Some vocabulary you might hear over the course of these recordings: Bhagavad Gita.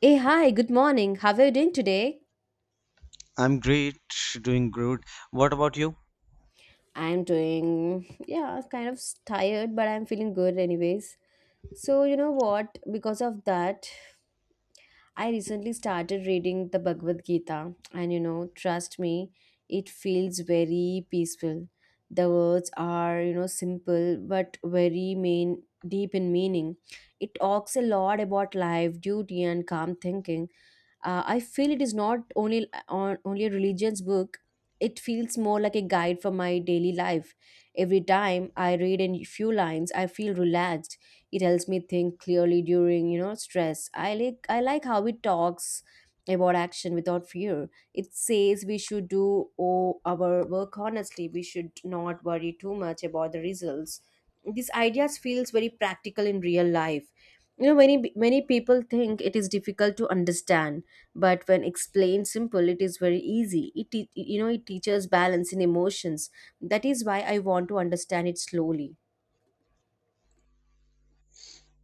Hey, hi, good morning. How are you doing today? I'm great, doing good. What about you? I'm doing, yeah, kind of tired, but I'm feeling good anyways. So, you know what? Because of that, I recently started reading the Bhagavad Gita, and you know, trust me, it feels very peaceful. The words are, you know, simple but very main deep in meaning. It talks a lot about life, duty, and calm thinking. I feel it is not only on only a religion's book. It feels more like a guide for my daily life. Every time I read a few lines I feel relaxed. It helps me think clearly during, you know, stress. I like how it talks about action without fear. It says we should do our work honestly. We should not worry too much about the results. These ideas feels very practical in real life. You know, many people think it is difficult to understand, but when explained simple it is very easy. You know, it teaches balance in emotions. That is why I want to understand it slowly.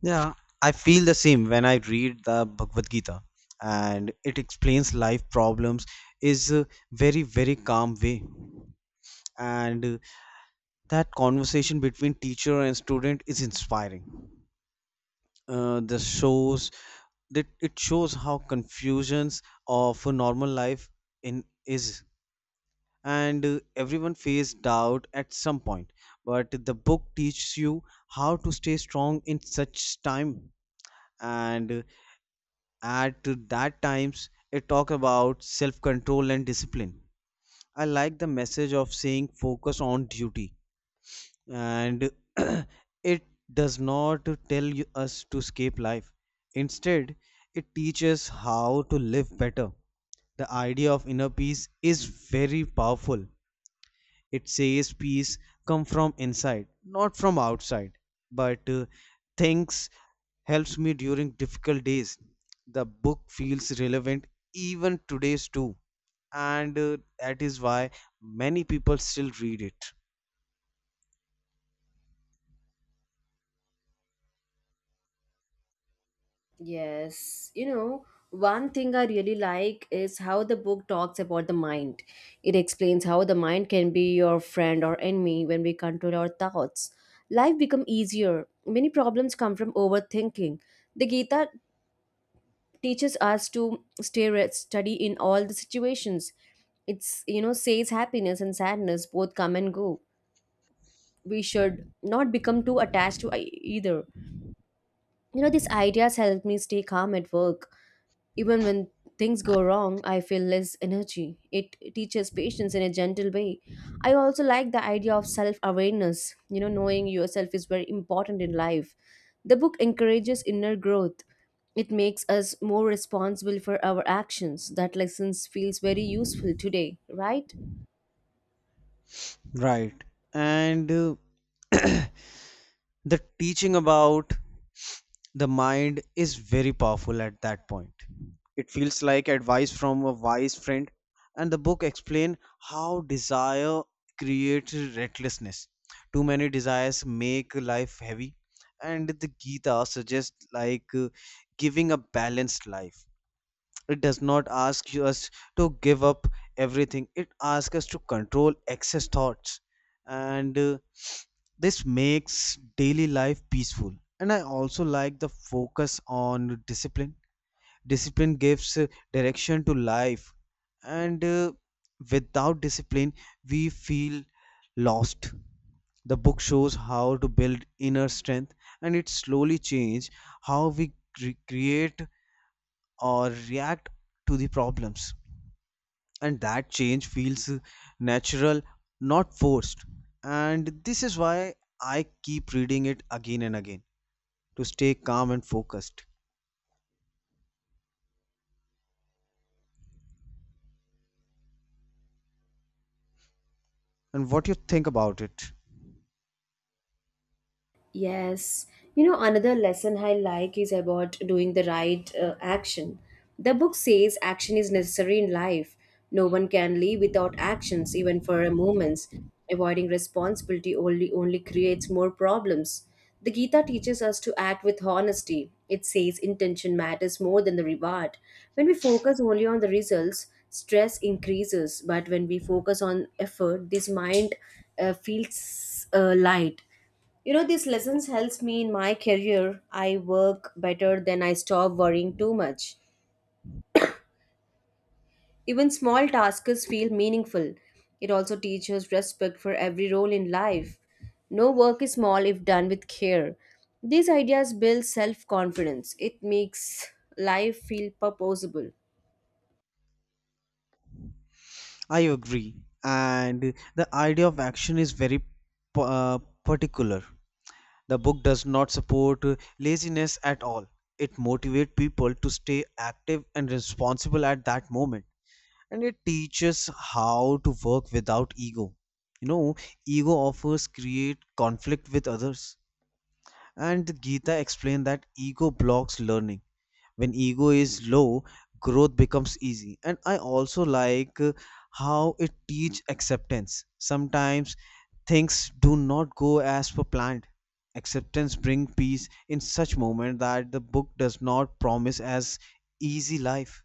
Yeah, I feel the same when I read the Bhagavad Gita, and it explains life problems is a very calm way, and that conversation between teacher and student is inspiring. The shows that it shows how confusions of a normal life in is, and everyone faced doubt at some point, but the book teaches you how to stay strong in such time, and at that times it talk about self control and discipline. I like the message of saying focus on duty, and it does not tell us to escape life. Instead, it teaches how to live better. The idea of inner peace is very powerful. It says peace come from inside, not from outside. But thanks helps me during difficult days. The book feels relevant even today's too, and that is why many people still read it. Yes, you know, one thing I really like is how the book talks about the mind. It explains how the mind can be your friend or enemy when we control our thoughts. Life become easier. Many problems come from overthinking. The Gita teaches us to stay study in all the situations. It's, you know, says happiness and sadness both come and go. We should not become too attached to either. You know, these ideas help me stay calm at work. Even when things go wrong, I feel less energy. It teaches patience in a gentle way. I also like the idea of self awareness. You know, knowing yourself is very important in life. The book encourages inner growth. It makes us more responsible for our actions. That lesson feels very useful today, right? Right. And the teaching about the mind is very powerful at that point. It feels like advice from a wise friend, and the book explains how desire creates recklessness. Too many desires make life heavy, and the Gita suggests giving a balanced life. It does not ask us to give up everything. It asks us to control excess thoughts, and this makes daily life peaceful. And I also like the focus on discipline. Discipline gives direction to life, and without discipline, we feel lost. The book shows how to build inner strength, and it slowly changes how we create or react to the problems, and that change feels natural, not forced. And this is why I keep reading it again and again, to stay calm and focused. And what you think about it? Yes, you know, another lesson I like is about doing the right action. The book says action is necessary in life. No one can live without actions, even for a moment. Avoiding responsibility only creates more problems. The Gita teaches us to act with honesty. It says intention matters more than the reward. When we focus only on the results, stress increases. But when we focus on effort, this mind feels light. You know, these lessons helps me in my career. I work better than I stop worrying too much. Even small tasks feel meaningful. It also teaches respect for every role in life. No work is small if done with care. These ideas build self-confidence. It makes life feel purposeful. I agree. And the idea of action is very uh, particular. The book does not support laziness at all. It motivates people to stay active and responsible at that moment, and it teaches how to work without ego. You know, ego offers create conflict with others. And the Gita explained that ego blocks learning. When ego is low, growth becomes easy. And I also like how it teach acceptance. Sometimes things do not go as per planned. Acceptance bring peace in such moment, that the book does not promise as easy life,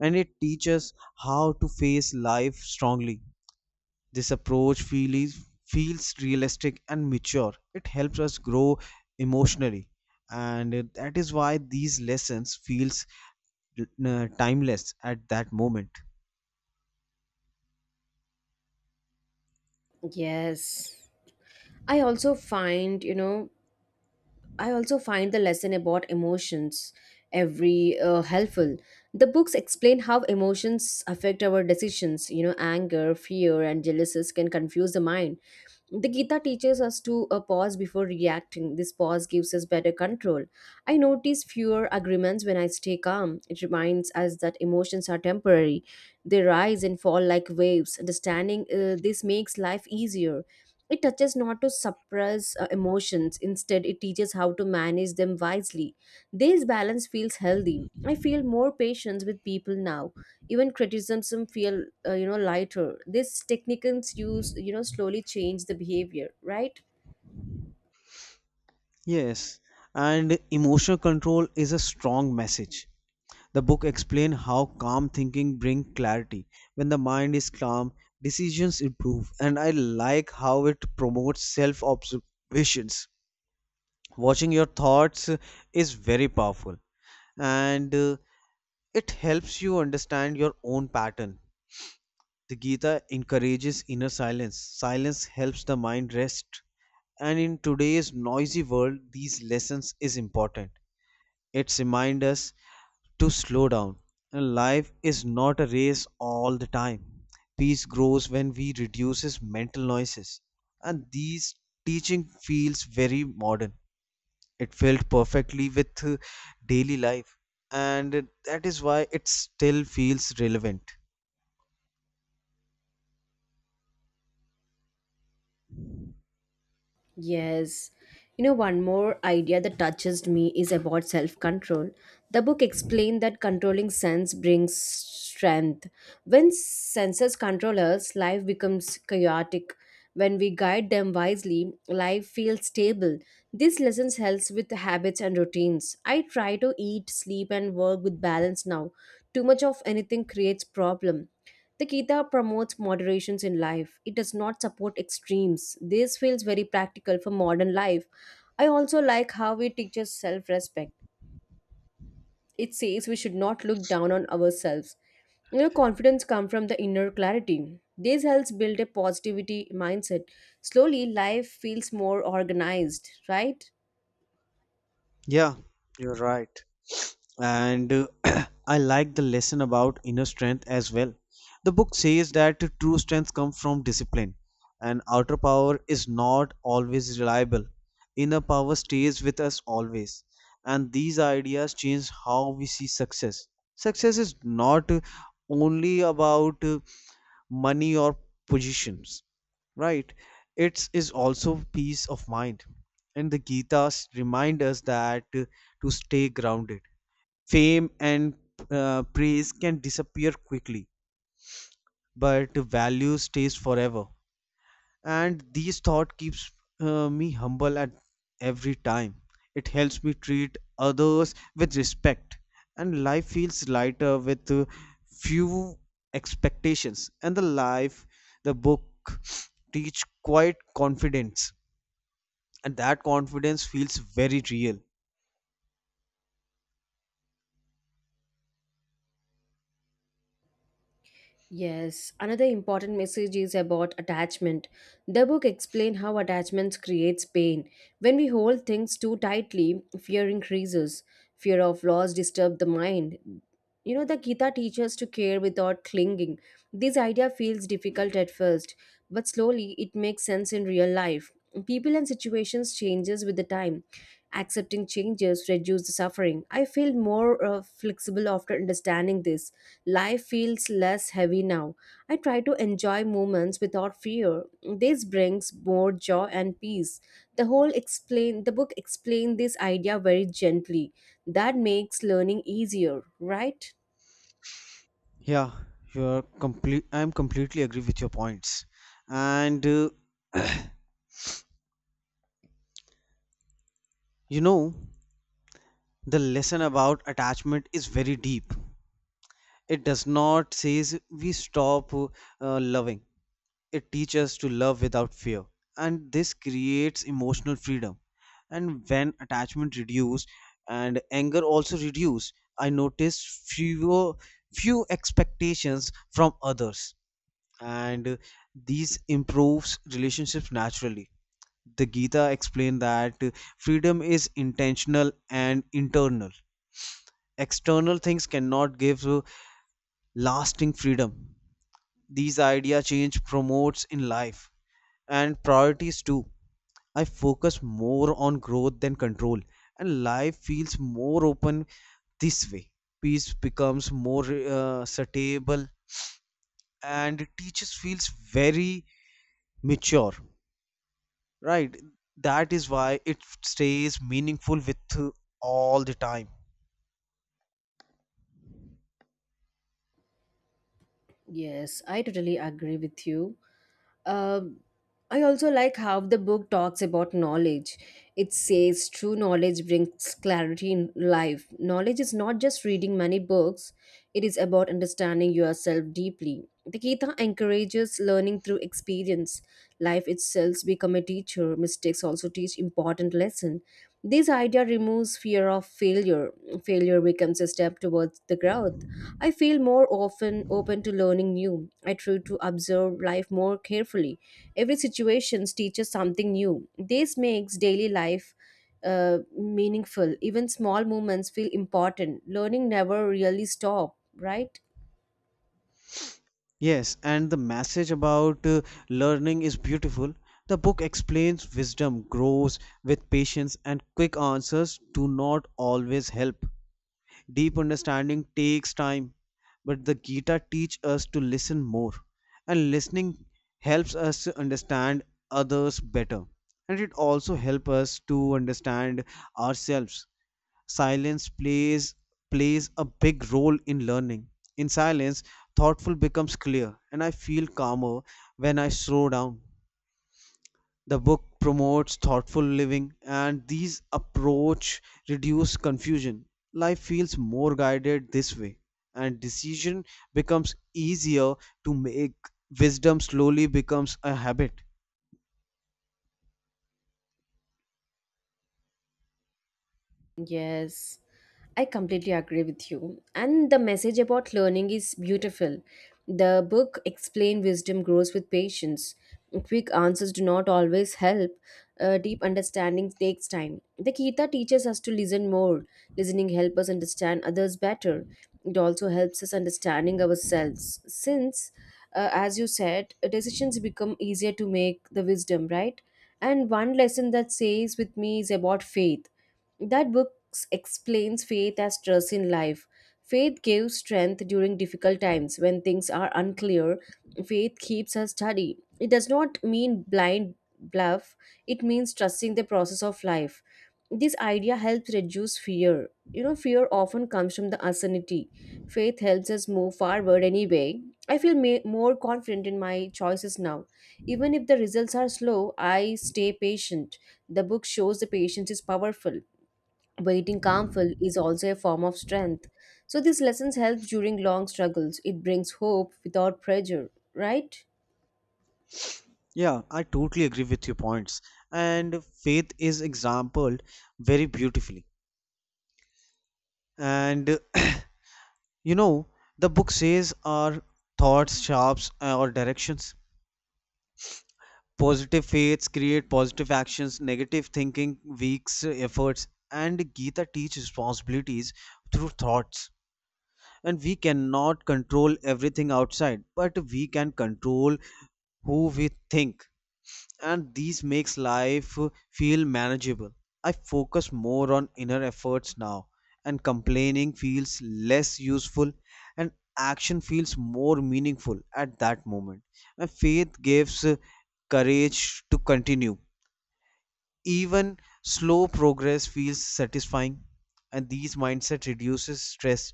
and it teaches how to face life strongly. This approach feels realistic and mature. It helps us grow emotionally, and that is why these lessons feels timeless at that moment. Yes. I also find, you know, I also find the lesson about emotions every helpful. The books explain how emotions affect our decisions. You know, anger, fear, and jealousies can confuse the mind. The Gita teaches us to pause before reacting. This pause gives us better control. I notice fewer agreements when I stay calm. It reminds us that emotions are temporary. They rise and fall like waves. Understanding this makes life easier. It touches not to suppress emotions, instead, it teaches how to manage them wisely. This balance feels healthy. I feel more patience with people now. Even criticism feel lighter. These techniques use, you know, slowly change the behavior, right? Yes, and emotional control is a strong message. The book explains how calm thinking brings clarity. When the mind is calm, decisions improve, and I like how it promotes self observations. Watching your thoughts is very powerful, and it helps you understand your own pattern. The Gita encourages inner silence. Silence helps the mind rest, and in today's noisy world these lessons is important. It reminds us to slow down. And life is not a race all the time. Peace grows when we reduces mental noises, and these teaching feels very modern. It felt perfectly with daily life, and that is why it still feels relevant. Yes. You know, one more idea that touches me is about self control. The book explained that controlling sense brings strength. When senses control us, life becomes chaotic. When we guide them wisely, life feels stable. This lesson helps with habits and routines. I try to eat, sleep, and work with balance now. Too much of anything creates problem. The Gita promotes moderations in life. It does not support extremes. This feels very practical for modern life. I also like how it teaches self respect. It says we should not look down on ourselves. You know, confidence comes from the inner clarity. This helps build a positivity mindset. Slowly, life feels more organized, right? Yeah, you're right. And I like the lesson about inner strength as well. The book says that true strength comes from discipline, and outer power is not always reliable. Inner power stays with us always. And these ideas change how we see success. Success is not only about money or positions, right? It is also peace of mind, and the Gita's remind us that to stay grounded. Fame and praise can disappear quickly, but value stays forever, and these thought keeps me humble at every time. It helps me treat others with respect, and life feels lighter with few expectations. And the life, the book teach quite confidence, and that confidence feels very real. Yes, another important message is about attachment. The book explains how attachments creates pain. When we hold things too tightly, fear increases. Fear of loss disturbs the mind. You know, the Gita teaches to care without clinging. This idea feels difficult at first, but slowly it makes sense in real life. People and situations changes with the time. Accepting changes reduce the suffering. I feel more flexible after understanding this. Life feels less heavy now. I try to enjoy moments without fear. This brings more joy and peace. The book explained this idea very gently. That makes learning easier, right? Yeah you're complete i'm completely agree with your points. And you know, the lesson about attachment is very deep. It does not says we stop loving. It teaches us to love without fear, and this creates emotional freedom. And when attachment reduce and anger also reduce, I noticed few expectations from others, and these improves relationships naturally. The Gita explained that freedom is intentional and internal. External things cannot give lasting freedom. These idea change promotes in life, and priorities too. I focus more on growth than control, and life feels more open this way. Peace becomes more suitable, and teachers feels very mature, right? That is why it stays meaningful with all the time. Yes, I totally agree with you. Um, I also like how the book talks about knowledge. It says true knowledge brings clarity in life. Knowledge is not just reading many books, it is about understanding yourself deeply. The Gita encourages learning through experience. Life itself becomes a teacher. Mistakes also teach important lessons. This idea reminds removes fear of failure. Failure becomes a step towards the growth. I feel more often open to learning new. I try to observe life more carefully. Every situation teaches something new. This makes daily life meaningful. Even small moments feel important. Learning never really stops, right? Yes, and the message about learning is beautiful. The book explains wisdom grows with patience, and quick answers do not always help. Deep understanding takes time, but the Gita teach us to listen more, and listening helps us to understand others better, and it also helps us to understand ourselves. Silence plays a big role in learning. In silence, thoughtful becomes clear, and I feel calmer when I slow down. The book promotes thoughtful living, and these approach reduce confusion. Life feels more guided this way, and decision becomes easier to make. Wisdom slowly becomes a habit. Yes. I completely agree with you. And the message about learning is beautiful. The book Explain Wisdom Grows with Patience. Quick answers do not always help. Deep understanding takes time. The Gita teaches us to listen more. Listening helps us understand others better. It also helps us understanding ourselves. Since, as you said, decisions become easier to make the wisdom, right? And one lesson that stays with me is about faith, that book explains faith as trust in life. Faith gives strength during difficult times when things are unclear. Faith keeps us steady. It does not mean blind bluff, it means trusting the process of life. This idea helps reduce fear. You know, fear often comes from the uncertainty. Faith helps us move forward anyway. I feel more confident in my choices now. Even if the results are slow, I stay patient. The book shows the patience is powerful. Waiting calmful is also a form of strength. So these lessons help during long struggles. It brings hope without pressure, right? Yeah, I totally agree with your points. And faith is exampled very beautifully. And you know, the book says our thoughts, shapes or directions. Positive faiths create positive actions, negative thinking weaks efforts, and Gita teaches responsibilities through thoughts. And we cannot control everything outside, but we can control who we think, and these makes life feel manageable. I focus more on inner efforts now, and complaining feels less useful, and action feels more meaningful at that moment. And faith gives courage to continue. Even slow progress feels satisfying, and these mindset reduces stress.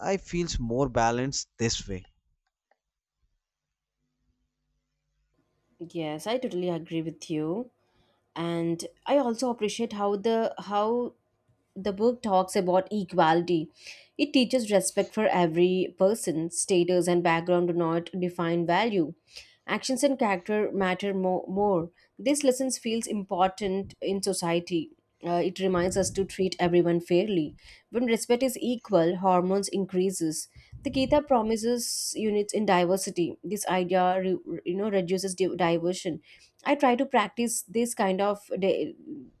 I feels more balanced this way. Yes, I totally agree with you. And I also appreciate how the book talks about equality. It teaches respect for every person, status and background do not define value. Actions and character matter more. This lesson feels important in society. It reminds us to treat everyone fairly. When respect is equal, hormones increases. The Gita promises units in diversity. This idea, re- you know, Reduces diversion. I try to practice this kind of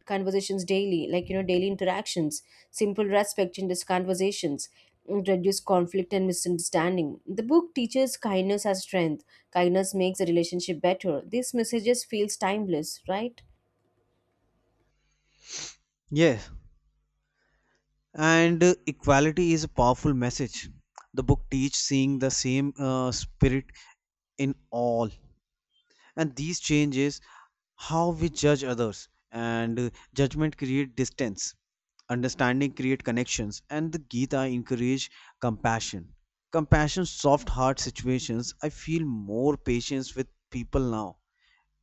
conversations daily, like, you know, daily interactions, simple respect in these conversations and reduce conflict and misunderstanding. The book teaches kindness as strength. Kindness makes a relationship better. These messages feels timeless, right? Yes. And equality is a powerful message. The book teach seeing the same spirit in all, and these changes how we judge others. And judgment create distance, understanding create connections, and the Gita encourage compassion. Compassion soft heart situations. I feel more patience with people now.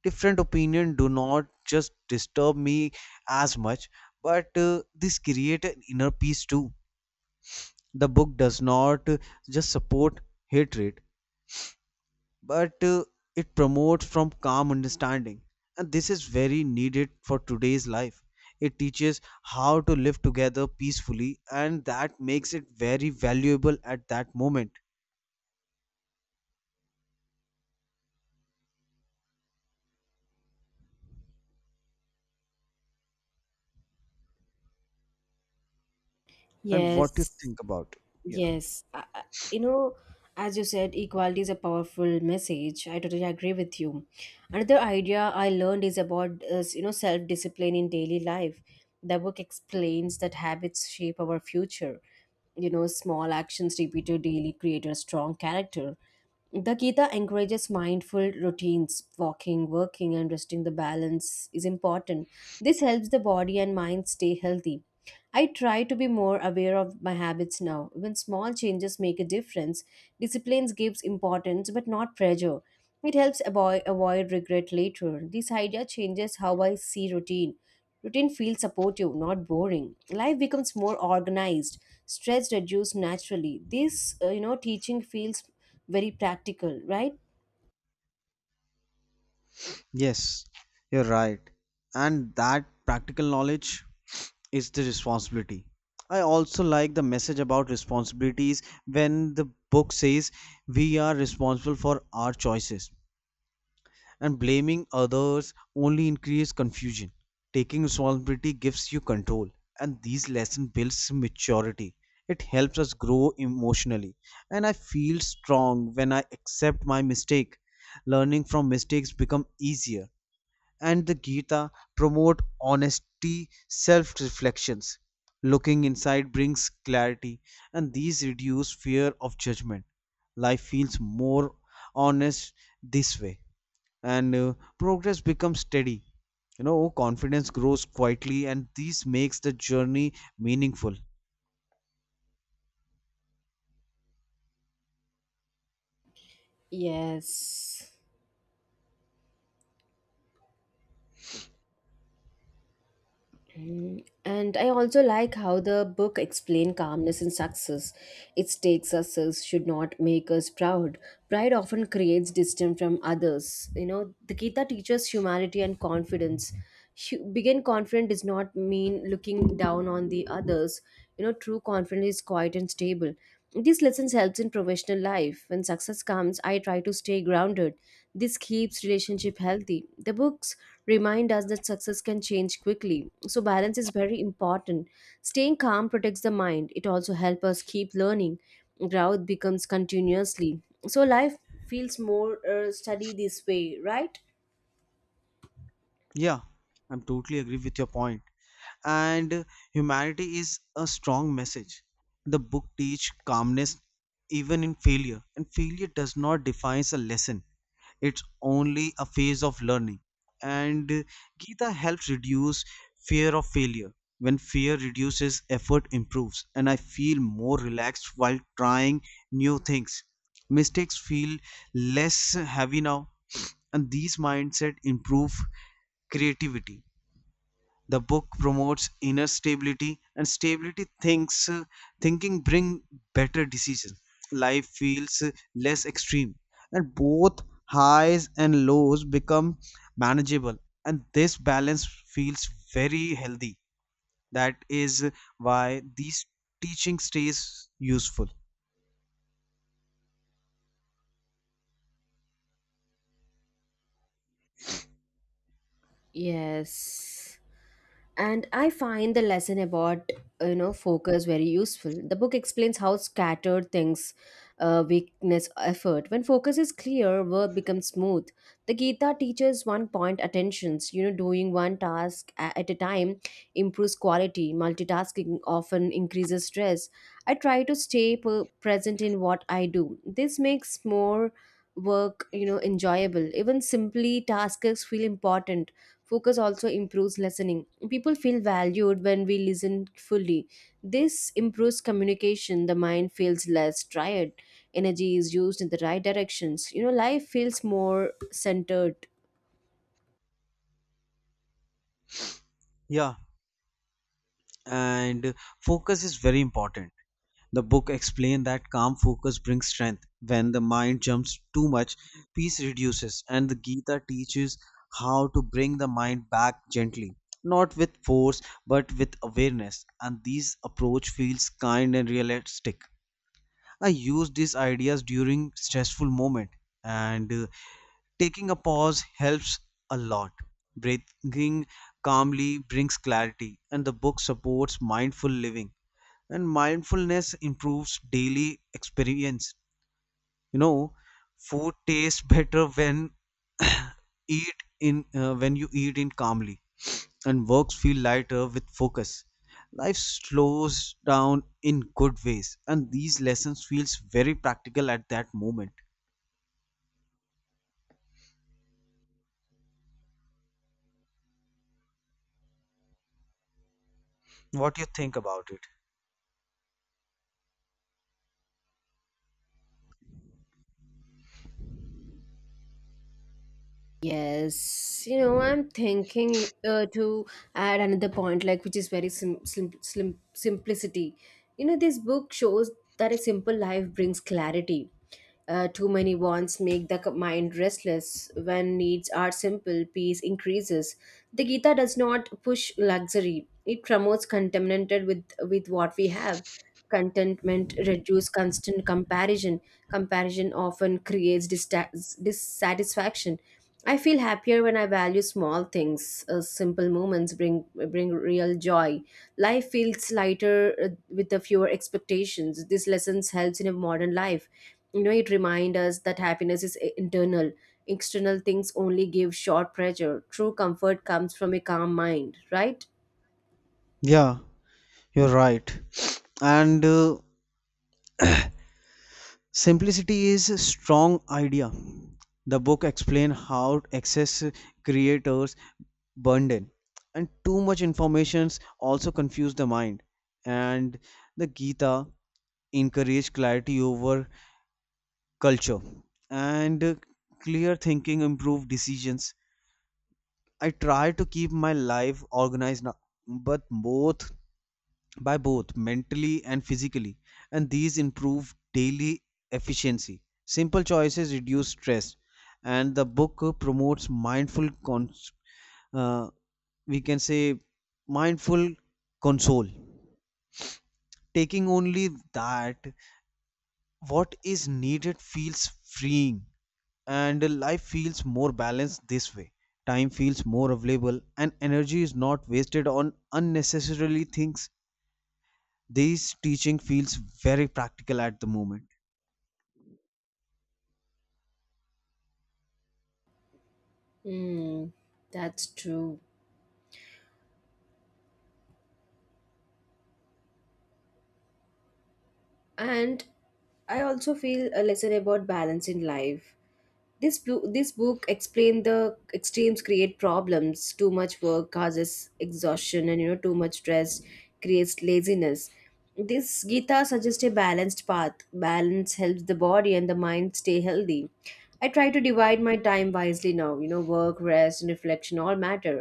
Different opinion do not just disturb me as much, but this create an inner peace too. The book does not just support hatred, but it promotes from calm understanding, and this is very needed for today's life. It teaches how to live together peacefully, and that makes it very valuable at that moment. And what do you Yes, think about it? Yeah. yes. You know, as you said, equality is a powerful message. I totally agree with you. Another idea I learned is about self discipline in daily life. The book explains that habits shape our future. You know, small actions repeated daily create a strong character. The Gita encourages mindful routines. Walking, working, and resting the balance is important. This helps the body and mind stay healthy. I try to be more aware of my habits now. When small changes make a difference, discipline gives importance but not pressure. It helps avoid regret later. This idea changes how I see routine. Routine feels supportive, not boring. Life becomes more organized. Stress reduced naturally. This, teaching feels very practical, right? Yes, you're right. And that practical knowledge is the responsibility. I also like the message about responsibilities when the book says we are responsible for our choices, and blaming others only increases confusion. Taking responsibility gives you control, and these lessons builds maturity. It helps us grow emotionally, and I feel strong when I accept my mistake. Learning from mistakes become easier, and the Gita promote honesty, self reflections. Looking inside brings clarity, and these reduce fear of judgment. Life feels more honest this way, and progress becomes steady. You know, confidence grows quietly, and this makes the journey meaningful. Yes. Mm, and I also like how the book explains calmness and success. It states success should not make us proud. Pride often creates distance from others. You know, the Gita teaches humility and confidence. Being confident does not mean looking down on the others. You know, true confidence is quiet and stable. These lessons helps in professional life. When success comes, I try to stay grounded. This keeps relationship healthy. The books remind us that success can change quickly, so balance is very important. Staying calm protects the mind. It also helps us keep learning. Growth becomes continuously. So life feels more study this way, right? Yeah, I'm totally agree with your point. And humanity is a strong message. The book teach calmness even in failure, and failure does not define a lesson. It's only a phase of learning, and Gita helps reduce fear of failure. When fear reduces, effort improves, and I feel more relaxed while trying new things. Mistakes feel less heavy now, and these mindset improve creativity. The book promotes inner stability, and stability thinks thinking bring better decisions. Life feels less extreme, and both highs and lows become manageable, and this balance feels very healthy. That is why these teaching stays useful. Yes. And I find the lesson about focus very useful. The book explains how scattered things weakness effort. When focus is clear work becomes smooth. The Gita teaches one point attentions, you know, doing one task at a time improves quality. Multitasking often increases stress. I try to stay present in what I do. This makes more work, you know, enjoyable. Even simply tasks feel important. Focus also improves listening. People feel valued when we listen fully. This improves communication, the mind feels less tired, energy is used in the right directions. You know, life feels more centered. Yeah, and focus is very important. The book explained that calm focus brings strength. When the mind jumps too much, peace reduces, and the Gita teaches how to bring the mind back gently, not with force but with awareness. And this approach feels kind and realistic. I use these ideas during stressful moment, and taking a pause helps a lot. Breathing calmly brings clarity, and the book supports mindful living, and mindfulness improves daily experience. You know, food tastes better when eat in when you eat in calmly, and works feel lighter with focus. Life slows down in good ways, and these lessons feels very practical at that moment. What do you think about it? Yes, you know, I'm thinking to add another point, like, which is very simplicity. You know, this book shows that a simple life brings clarity. Too many wants make the mind restless. When needs are simple, peace increases. The Gita does not push luxury; it promotes contentment with what we have. Contentment reduce constant comparison. Comparison often creates dissatisfaction. I feel happier when I value small things. Simple moments bring real joy. Life feels lighter with the fewer expectations. This lessons helps in a modern life. You know, it reminds us that happiness is internal. External things only give short pleasure. True comfort comes from a calm mind, right? Yeah, you're right. And simplicity is a strong idea. The book explain how excess creators burden, and too much informations also confuse the mind. And the Gita encourage clarity over culture, and clear thinking improve decisions. I try to keep my life organized now, but both by both mentally and physically, and these improve daily efficiency. Simple choices reduce stress, and the book promotes uh, we can say mindful console, taking only that what is needed feels freeing, and life feels more balanced this way. Time feels more available, and energy is not wasted on unnecessarily things. This teaching feels very practical at the moment. Mm, that's true. And I also feel a lesson about balance in life. This book explained the extremes create problems. Too much work causes exhaustion, and you know too much stress creates laziness. This Gita suggests a balanced path. Balance helps the body and the mind stay healthy. I try to divide my time wisely now. You know, work, rest and reflection all matter.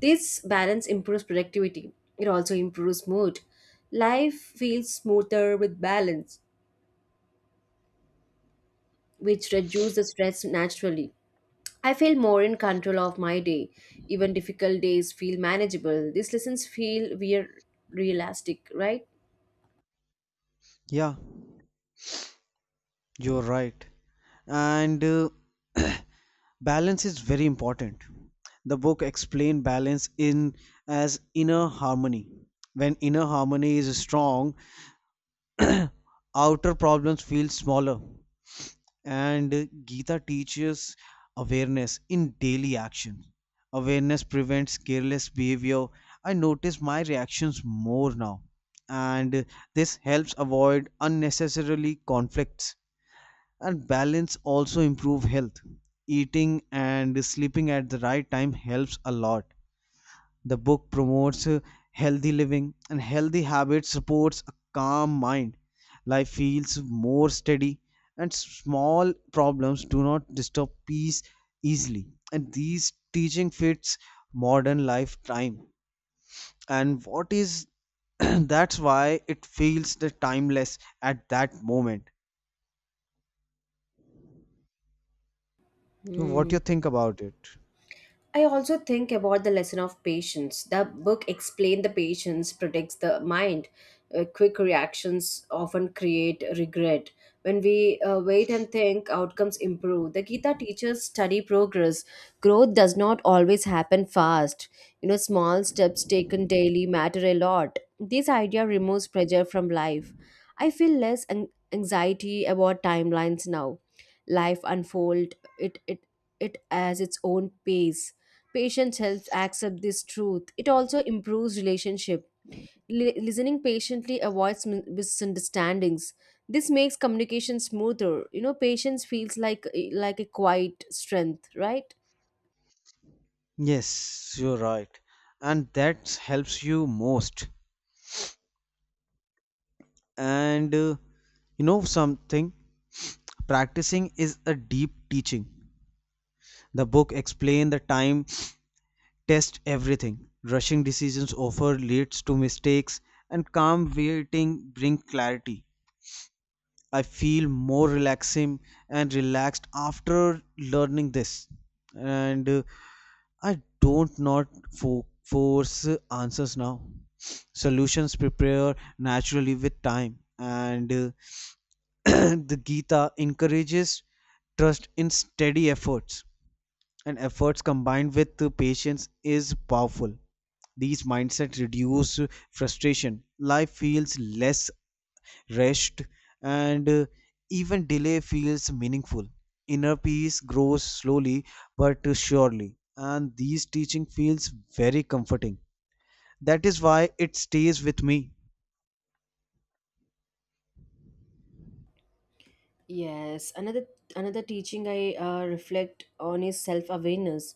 This balance improves productivity. It also improves mood. Life feels smoother with balance, which reduce the stress naturally. I feel more in control of my day. Even difficult days feel manageable. These lessons feel we're realistic, right? Yeah, you're right. And balance is very important. The book explained balance in as inner harmony. When inner harmony is strong, outer problems feel smaller, and Gita teaches awareness in daily action. Awareness prevents careless behavior. I notice my reactions more now, and this helps avoid unnecessarily conflicts. And balance also improve health. Eating and sleeping at the right time helps a lot. The book promotes healthy living, and healthy habits, supports a calm mind. Life feels more steady, and small problems do not disturb peace easily. And these teaching fits modern lifetime. And what is that's why it feels the timeless at that moment. So, what do you think about it? I also think about the lesson of patience. The book explained the patience protects the mind. Quick reactions often create regret. When we wait and think, outcomes improve. The Gita teaches study progress. Growth does not always happen fast. You know, small steps taken daily matter a lot. This idea removes pressure from life. I feel less anxiety about timelines now. Life unfolds it it it as its own pace. Patience helps accept this truth. It also improves relationship. Listening patiently avoids misunderstandings. This makes communication smoother. You know, patience feels like a quiet strength, right? Yes, you're right. And that helps you most. And you know something? Practicing is a deep teaching. The book explain the time, test everything. Rushing decisions offer leads to mistakes, and calm waiting bring clarity. I feel more relaxing and relaxed after learning this, and I don't not fo- force answers now. Solutions prepare naturally with time, and the Gita encourages trust in steady efforts, and efforts combined with the patience is powerful. These mindsets reduce frustration. Life feels less rushed, and even delay feels meaningful. Inner peace grows slowly but surely, and these teaching feels very comforting. That is why it stays with me. Yes, another teaching I reflect on is self-awareness.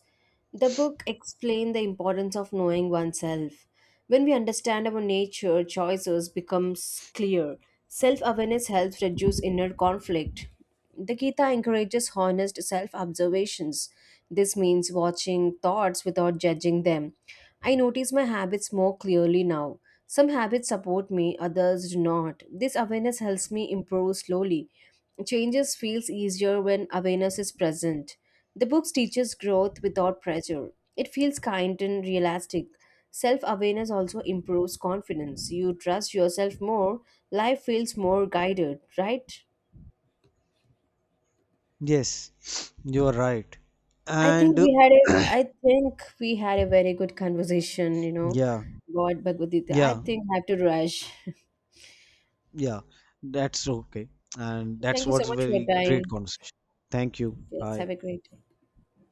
The book explained the importance of knowing oneself. When we understand our nature, choices becomes clear. Self-awareness helps reduce inner conflict. The Gita encourages honest self observations. This means watching thoughts without judging them. I notice my habits more clearly now. Some habits support me, others do not. This awareness helps me improve slowly. Changes feels easier when awareness is present. The book teaches growth without pressure. It feels kind and realistic. Self awareness also improves confidence. You trust yourself more, life feels more guided, right? Yes, you are right. I think And we had a I think we had a very good conversation, you know, Yeah, about Bhagavad Gita. I yeah. think I have to rush. Yeah, that's okay. And that's Thank you so what's much for your very great time. conversation. Thank you. Yes, have Bye. a great day.